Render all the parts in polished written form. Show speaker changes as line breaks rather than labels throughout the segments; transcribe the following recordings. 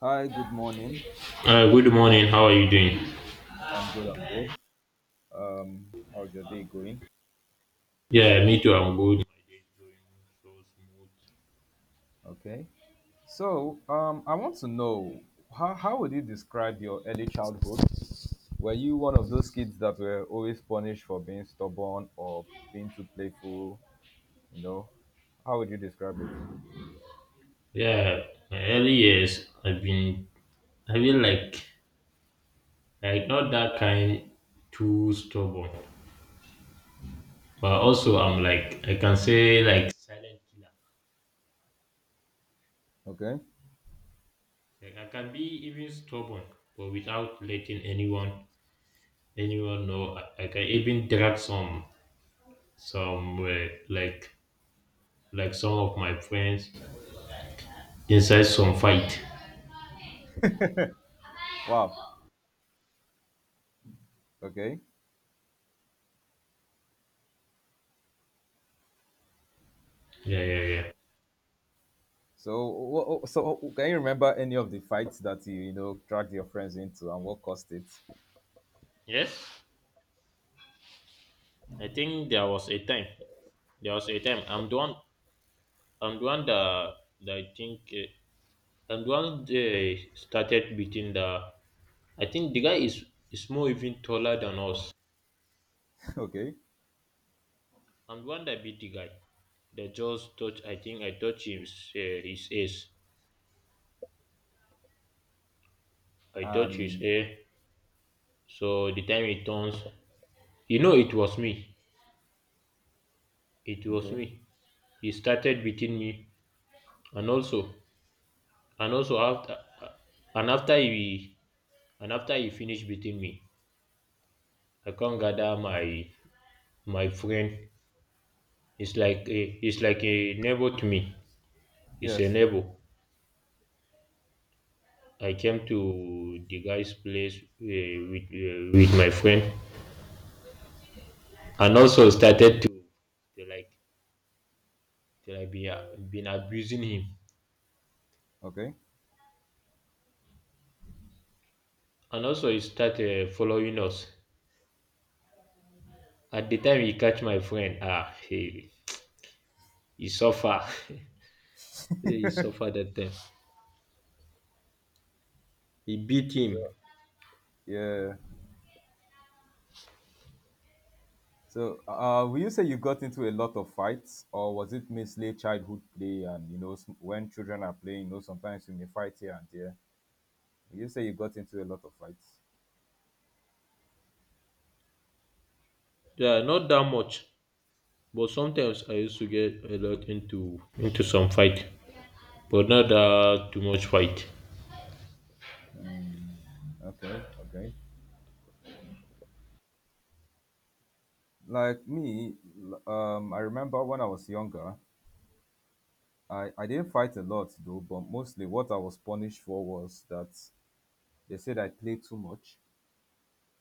Hi, good morning.
Good morning. How are you doing?
I'm good, I'm good. Um, How's your day going?
Yeah, me too. I'm good. My day is going so smooth.
Okay. So I want to know how would you describe your early childhood? Were you one of those kids that were always punished for being stubborn or being too playful? You know, how would you describe it?
Yeah, my early years, I feel like not that kind, too stubborn, but also I'm like, I can say like silent killer.
Okay.
Like I can be even stubborn, but without letting anyone know. I can even drag some like some of my friends inside some fight.
Wow. Okay.
Yeah, yeah, yeah.
So can you remember any of the fights that you know, dragged your friends into and what caused it?
Yes. I think there was a time. There was a time. I'm the one. I'm the one that I think. I'm the one that started beating the. I think the guy is more even taller than us.
Okay.
I'm the one that beat the guy. They just touch. I think I touch his ace. I touch his
And,
hair. So the time he turns, it was me. It was
okay.
me. He started beating me, and also, and also after, and after he, and after he finished beating me. I can't gather my friend. It's like a neighbor to me. He's a
Yes.
neighbor. I came to the guy's place with my friend, and also started to like to like been abusing him,
Okay.
and also he started following us. At the time he catch my friend, he suffer, he suffer that time. He beat
So,
him.
yeah. So will you say you got into a lot of fights, or was it mostly childhood play? And you know, when children are playing, you know, sometimes you may fight here and there. Will you say you got into a lot of fights?
Yeah, not that much, but sometimes I used to get a lot into some fight. But not too much fight.
Okay, okay. Like me, I remember when I was younger, I didn't fight a lot though, but mostly what I was punished for was that they said I played too much,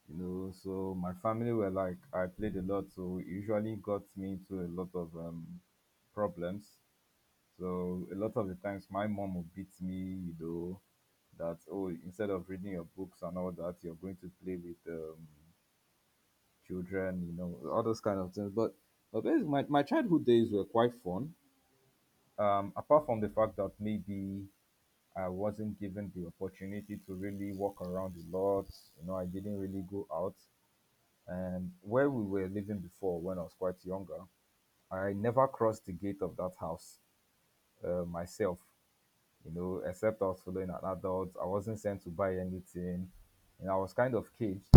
you know. So my family were like, I played a lot, so it usually got me into a lot of problems. So a lot of the times my mom would beat me, you know, that oh, instead of reading your books and all that, you're going to play with children, you know, all those kind of things. But basically, my childhood days were quite fun. Apart from the fact that maybe I wasn't given the opportunity to really walk around a lot. You know, I didn't really go out. And where we were living before, when I was quite younger, I never crossed the gate of that house myself. You know, except I was following an adult. I wasn't sent to buy anything, and I was kind of caged.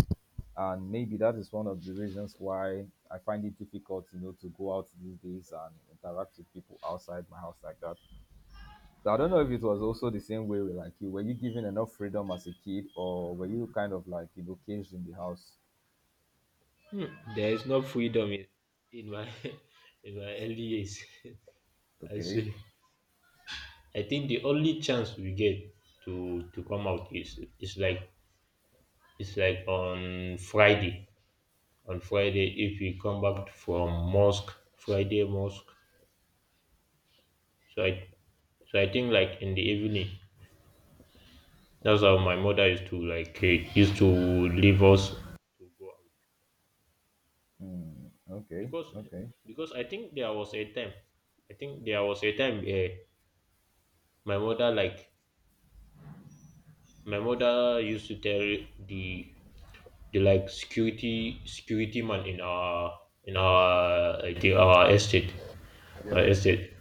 And maybe that is one of the reasons why I find it difficult, you know, to go out these days and interact with people outside my house like that. So I don't know if it was also the same way with like you. Were you given enough freedom as a kid, or were you kind of like, you know, caged in the house?
Hmm, There is no freedom in my in my early years. I
Okay.
say I think the only chance we get to come out is like on Friday. On Friday, if we come back from mosque, Friday mosque. So I so I think like in the evening. That's how my mother used to leave us to go out,
Hmm. Okay.
because
Okay.
because I think there was a time. I think there was a time. My mother like my mother used to tell the like security man in
Yeah.
our estate,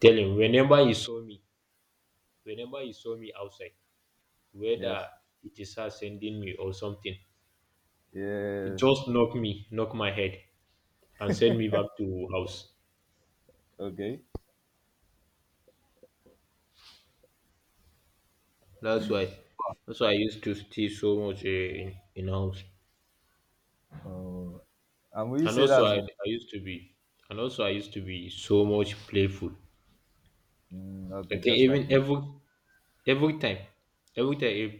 tell him whenever he saw me outside, whether
Yes.
it is her sending me or something, he
Yes.
just knock my head and send me back to house.
Okay.
That's why that's why I used to stay so much in house,
Oh, and will you
and
say
also
that's
I used to be so much playful.
mm, okay?
Okay,
Just
even
like
every time, every time if,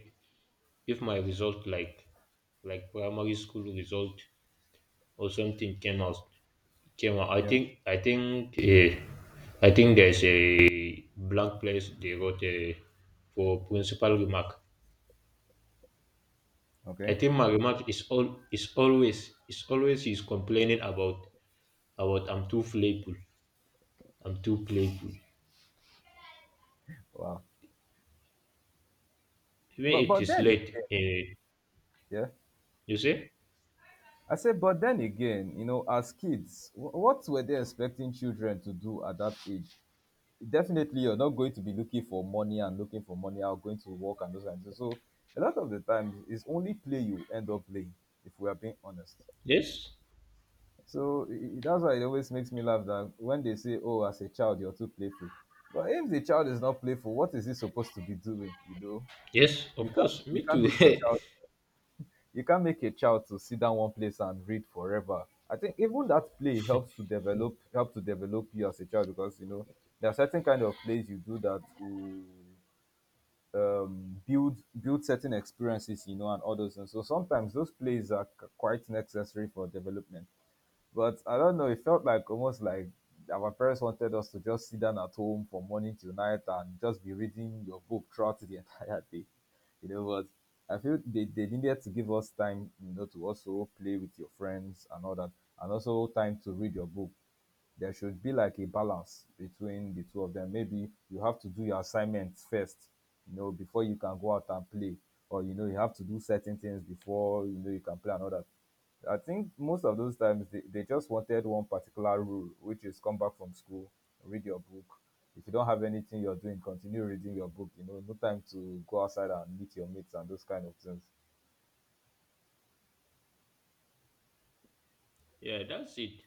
if my result, like primary school result or something came out, I
yeah.
think. There's a blank place they wrote for principal remark. I
Okay.
think my remark is all is always he's complaining about I'm too playful. I'm too playful.
Wow.
Even
But
it
but
is
then
late.
again, yeah,
You see?
I said, but then again, you know, as kids, what were they expecting children to do at that age? Definitely, you're not going to be looking for money and looking for money out, going to work and those kinds of things. So a lot of the times, it's only play you end up playing. If we are being honest,
Yes.
so that's why it always makes me laugh that when they say, "Oh, as a child, you're too playful," but if the child is not playful, what is he supposed to be doing? You know,
Yes, of course.
you
Me
can't
too.
make a child you can't make a child to sit down one place and read forever. I think even that play helps to develop you as a child, because you know there are certain kind of plays you do that will build certain experiences, you know, and all those things. So sometimes those plays are quite necessary for development. But I don't know, it felt like almost like our parents wanted us to just sit down at home from morning till night and just be reading your book throughout the entire day. You know, but I feel they needed to give us time, you know, to also play with your friends and all that, and also time to read your book. There should be like a balance between the two of them. Maybe you have to do your assignments first, you know, before you can go out and play, or you know, you have to do certain things before, you know, you can play another. I think most of those times they just wanted one particular rule, which is come back from school, read your book. If you don't have anything you're doing, continue reading your book. You know, no time to go outside and meet your mates and those kind of things.
Yeah, that's it.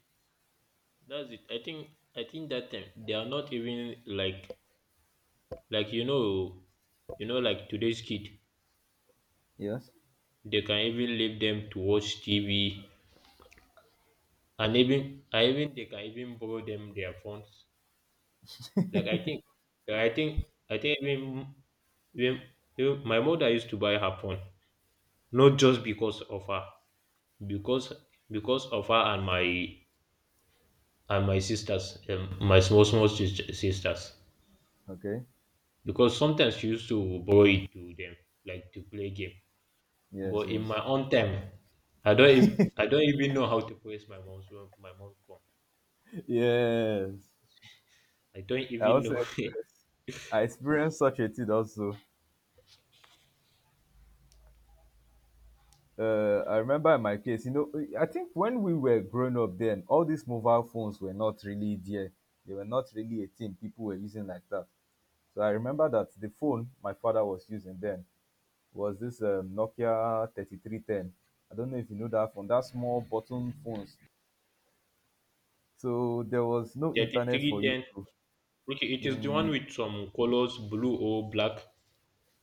That's it. I think I think that time they are not even like, like you know like today's kid,
Yes.
they can even leave them to watch TV, and even I even they can even borrow them their phones. Like I think like, I think even even my mother used to buy her phone, not just because of her, because because of her and my sisters, my small small sisters,
Okay.
because sometimes you used to borrow it to them like to play game.
Yes.
But in
Yes.
my own time, I don't even know how to press my mom's phone.
Yes.
I don't
I
even
also
know.
experienced, I experienced such a thing also. I remember in my case, you know, I think when we were growing up then, all these mobile phones were not really there. They were not really a thing people were using like that. So I remember that the phone my father was using then was this Nokia 3310. I don't know if you know that phone, that small button phones. So there was no internet for you to.
3310? Okay, it is the one
Mm,
with some colors, blue or black.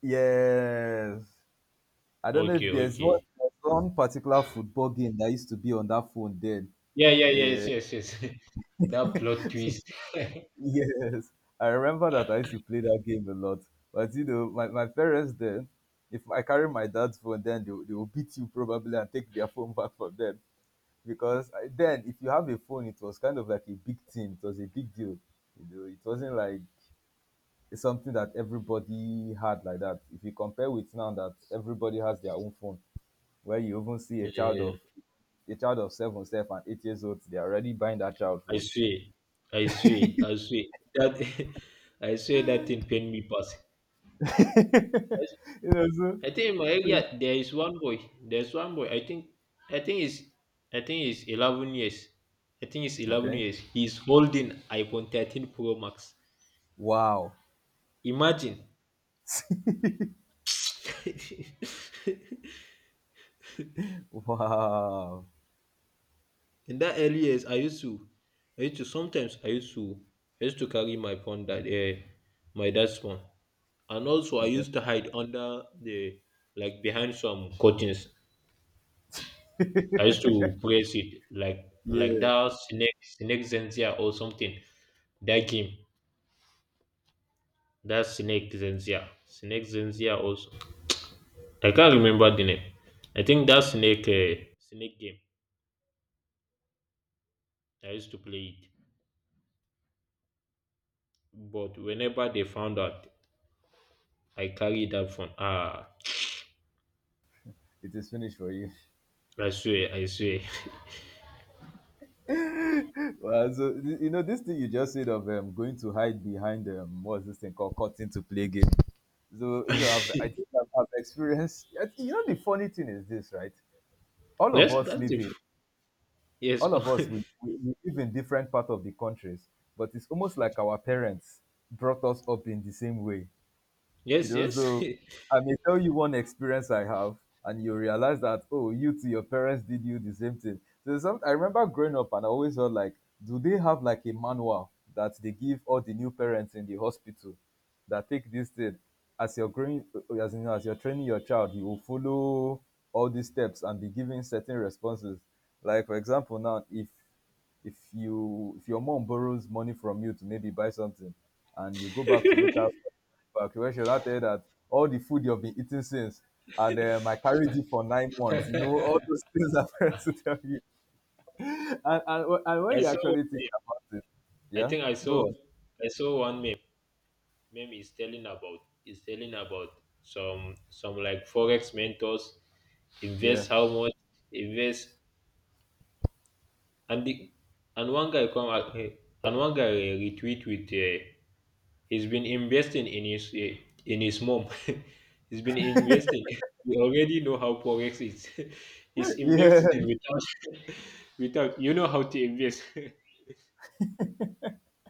yes. I don't know
Okay,
if there's
okay,
one there's one particular football game that used to be on that phone then.
yeah, yeah, yeah, yes,
Uh,
yes, yes. That plot twist. Yeah,
yes, I remember that I used to play that game a lot. But you know, my parents then, if I carry my dad's phone, then they will beat you probably and take their phone back from them. Because I, then, if you have a phone, it was kind of like a big thing. It was a big deal. You know, it wasn't like it's something that everybody had like that. If you compare with now that everybody has their own phone, where you even see a
yeah,
child
yeah.
of a child of seven, 7 and 8 years old, they're already buying that child
i
food.
swear I swear that. I swear that thing pain me pass.
You know,
I think in my
so
area there is one boy. I think is I think is 11 years. I think it's eleven
okay.
years. He's holding iPhone 13 Pro Max.
Wow.
Imagine.
Wow.
In that early years, I used to sometimes I used to carry my dad's phone, and also I
Okay.
used to hide under the like behind some curtains. I used to press it like
Yeah.
that snake zensia or something. Dakim. That's Snake Zenzia. Snake Zenzia also. I can't remember the name. I think that snake game. I used to play it. But whenever they found out, I carried that phone.
It is finished for you.
I swear.
Well, so you know this thing you just said of going to hide behind what's this thing called cutting to play game. So you know, I've, I think I've, I've experienced. You know, the funny thing is this, right? All of
Yes,
us live a
yes.
all of
Oh,
us we live in different part of the countries, but it's almost like our parents brought us up in the same way, you
yes,
know.
yes.
So I may tell you one experience I have and you realize that oh, you too, your parents did you the same thing. So I remember growing up and I always felt like, do they have like a manual that they give all the new parents in the hospital that take this thing, as you're growing as you're training your child, you will follow all these steps and be giving certain responses, like for example now, if your mom borrows money from you to maybe buy something and you go back to meet her
I
back, when she now tell you that all the food you've been eating since, and I carried you for 9 months. You know, all those things are parents to tell you. And, and when you
saw
actually
one
think
meme.
about it,
I
yeah,
think I saw
go on.
I saw one meme. Meme is telling about some like forex mentors,
Yeah,
invest how much, invest. And the and one guy come out, and one guy, retweet with, he's been investing in his, mom. He's been investing. You already know how forex is. He's
yeah,
investing without without, you know how to invest.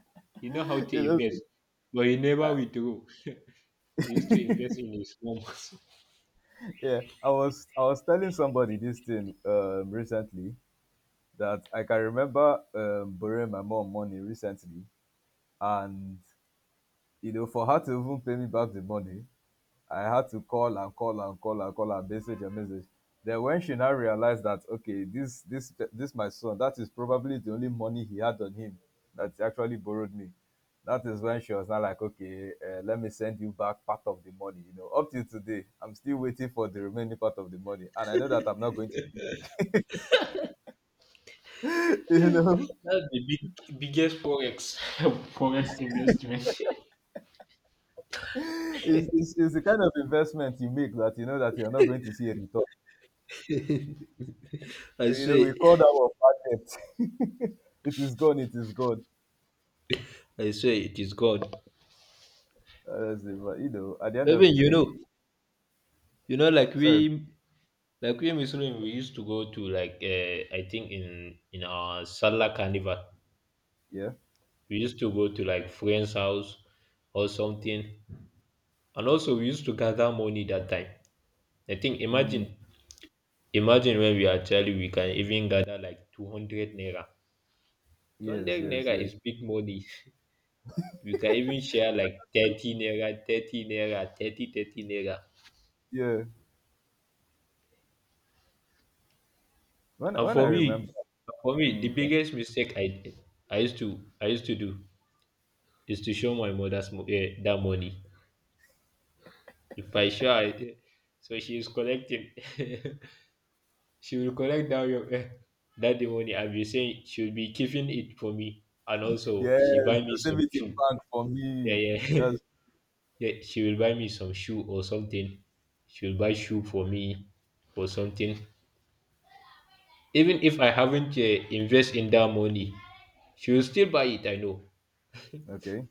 You know how
you
to
know,
invest, but he
uh,
never withdrew. He used to invest in his mom. That's
yeah. I was telling somebody this thing recently, that I can remember borrowing my mom money recently, and you know, for her to even pay me back the money, I had to call and call and call and call and message and message. Then when she now realized that okay, this my son, that is probably the only money he had on him that he actually borrowed me. That is when she was now like, okay, let me send you back part of the money. You know, up till today, I'm still waiting for the remaining part of the money, and I know that I'm not going to. You know,
the biggest forex forex investment.
it's the kind of investment you make that you know that you're not going to see a return.
I
You know,
swear.
we call that one bad debt. It is gone. It is gone.
I say it is God.
Honestly, but you know, at the end of
Even,
the day,
you know, like
sorry,
we, like we Muslim, we used to go to, like, I think in our Salah carnival,
yeah,
we used to go to like friend's house or something, and also we used to gather money that time. I think
mm,
imagine when we are child, we can even gather like 200 naira. Two
yes,
hundred
yes,
naira
yes,
is big money. We can even share like 30 naira, 30 naira, thirty naira.
yeah.
And
When I
for
remember,
me, for me, the
mm, okay.
biggest mistake I used to do is to show my that money. If I show her, so she is collecting. She will collect that your, eh, that the money. I'll be saying she will be keeping it for me, and also she
Yes,
buy me some
Yosemite
shoe.
Park for
Yeah,
me.
yeah,
That's
yeah. She will buy me some shoe or something. She will buy shoe for me or something. Even if I haven't invest in that money, she will still buy it, I know.
okay.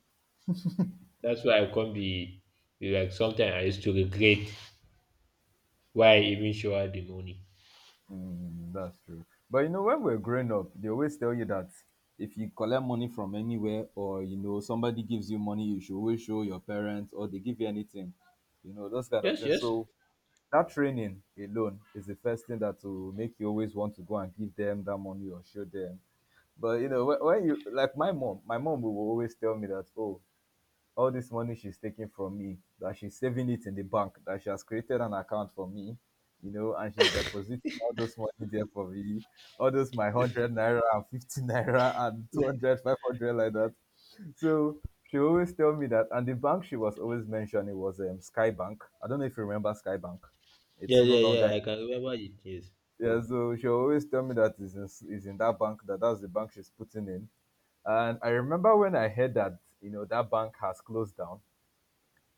That's why I come be like, sometimes I used to regret why I even show her the money.
Mm, that's true. But you know, when we're growing up, they always tell you that if you collect money from anywhere, or you know, somebody gives you money, you should always show your parents, or they give you anything, you know, those kind of
Yes,
things.
yes.
So that training alone is the first thing that will make you always want to go and give them that money or show them. But you know, when you like my mom will always tell me that oh, all this money she's taking from me, that she's saving it in the bank, that she has created an account for me, you know, and she's depositing all those money there for me, all those my hundred naira and 50 naira and 200 500 like that. So she always tell me that, and the bank she was always mentioning was Skybank. I don't know if you remember Skybank. It's
Yeah,
no
yeah,
longer
yeah. I can remember it. Yes.
yeah. So she always tell me that is in that bank, that that's the bank she's putting in, and I remember when I heard that you know that bank has closed down.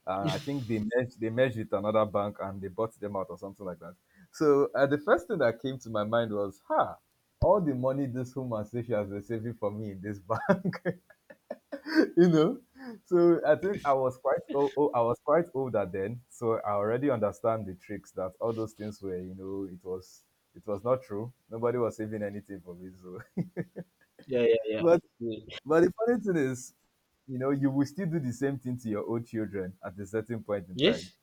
I think they merged with another bank and they bought them out or something like that. So the first thing that came to my mind was, "Ha! All the money this woman says she has been saving for me in this bank, you know." So I think I was quite old, I was quite older then, so I already understand the tricks that all those things were. You know, it was not true. Nobody was saving anything for me. So,
Yeah, yeah, yeah.
but
Yeah.
But the funny thing is, you know, you will still do the same thing to your own children at a certain point in time.
Yes,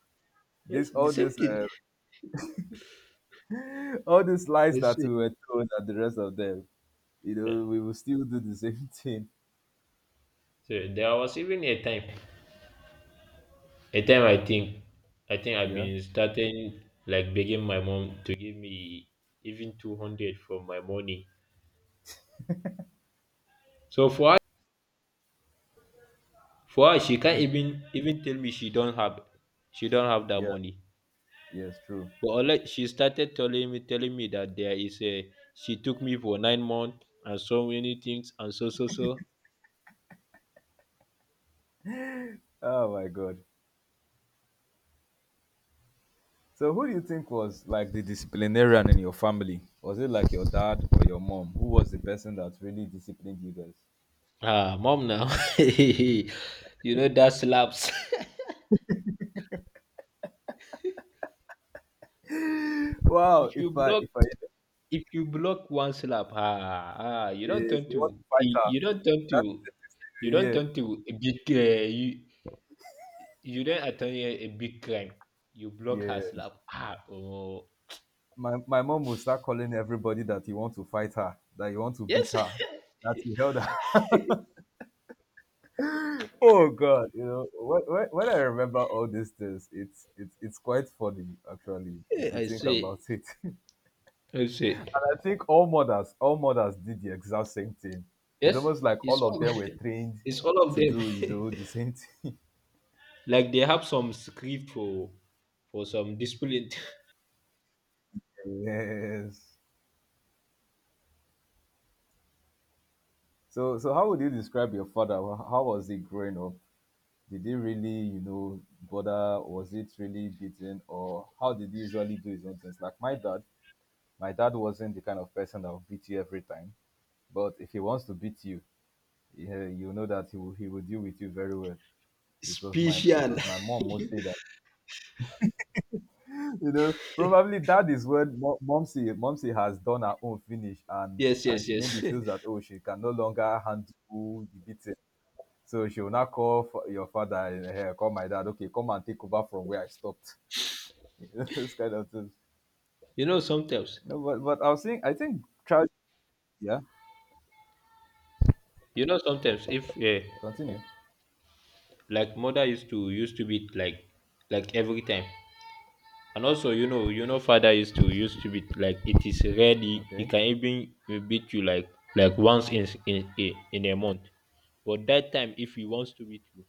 This
yes. The
all
same
this
thing.
all these lies
I
that
see.
we were told and the rest of them, you
Yeah.
know, we will still do the same thing.
So there was even a time I think I've
Yeah.
been starting like begging my mom to give me even 200 from my money. So for her, she can't
Mm,
even tell me she don't have, that
yeah.
money.
Yes, true.
But unlike she started telling me that, there is a she took me for 9 months and so many things and so so so.
Oh my god. So who do you think was like the disciplinarian in your family? Was it like your dad or your mom? Who was the person that really disciplined you guys?
Ah, mom now. You know that slaps.
Wow,
if you block
if I
if you block one slap, ah, you don't
you
turn to,
want to fight her, that is the
you don't
next
turn
thing.
to a big, you don't attain a big crime. You block
Yeah.
her
Yes.
slap. Oh,
My mom will start calling everybody that you want to fight her, that you want to beat
yes.
her, that you held her. Oh God, you know when, I remember all these things, it's quite funny actually if you
I
think about
say,
it. And
I say.
I think all mothers did the exact same thing. It's
Yes,
almost like
it's
all of
all
them were trained
it's all of
to
them.
do, you know, the same thing.
Like they have some script for some discipline.
Yes. So, so how would you describe your father? How was he growing up? Did he really, you know, bother? Was it really beating, or how did he usually do his own things? Like my dad wasn't the kind of person that will beat you every time, but if he wants to beat you, yeah, you know that he will deal with you very well. It was my it
Special.
was my mom mostly that you know probably that is when momsy has done her own finish,
Yes,
and
yes,
she maybe
yes.
feels that oh, she can no longer handle the beating, so she will now call for your father and call my dad, okay come and take over from where I stopped, you know, this kind of things.
Sometimes,
No, but I was saying, I think child. Yeah,
sometimes, if,
continue.
like mother used to beat, like every time. And also, father used to beat like it is ready, he
Okay.
can even beat you like once in a month. But that time, if he wants to beat you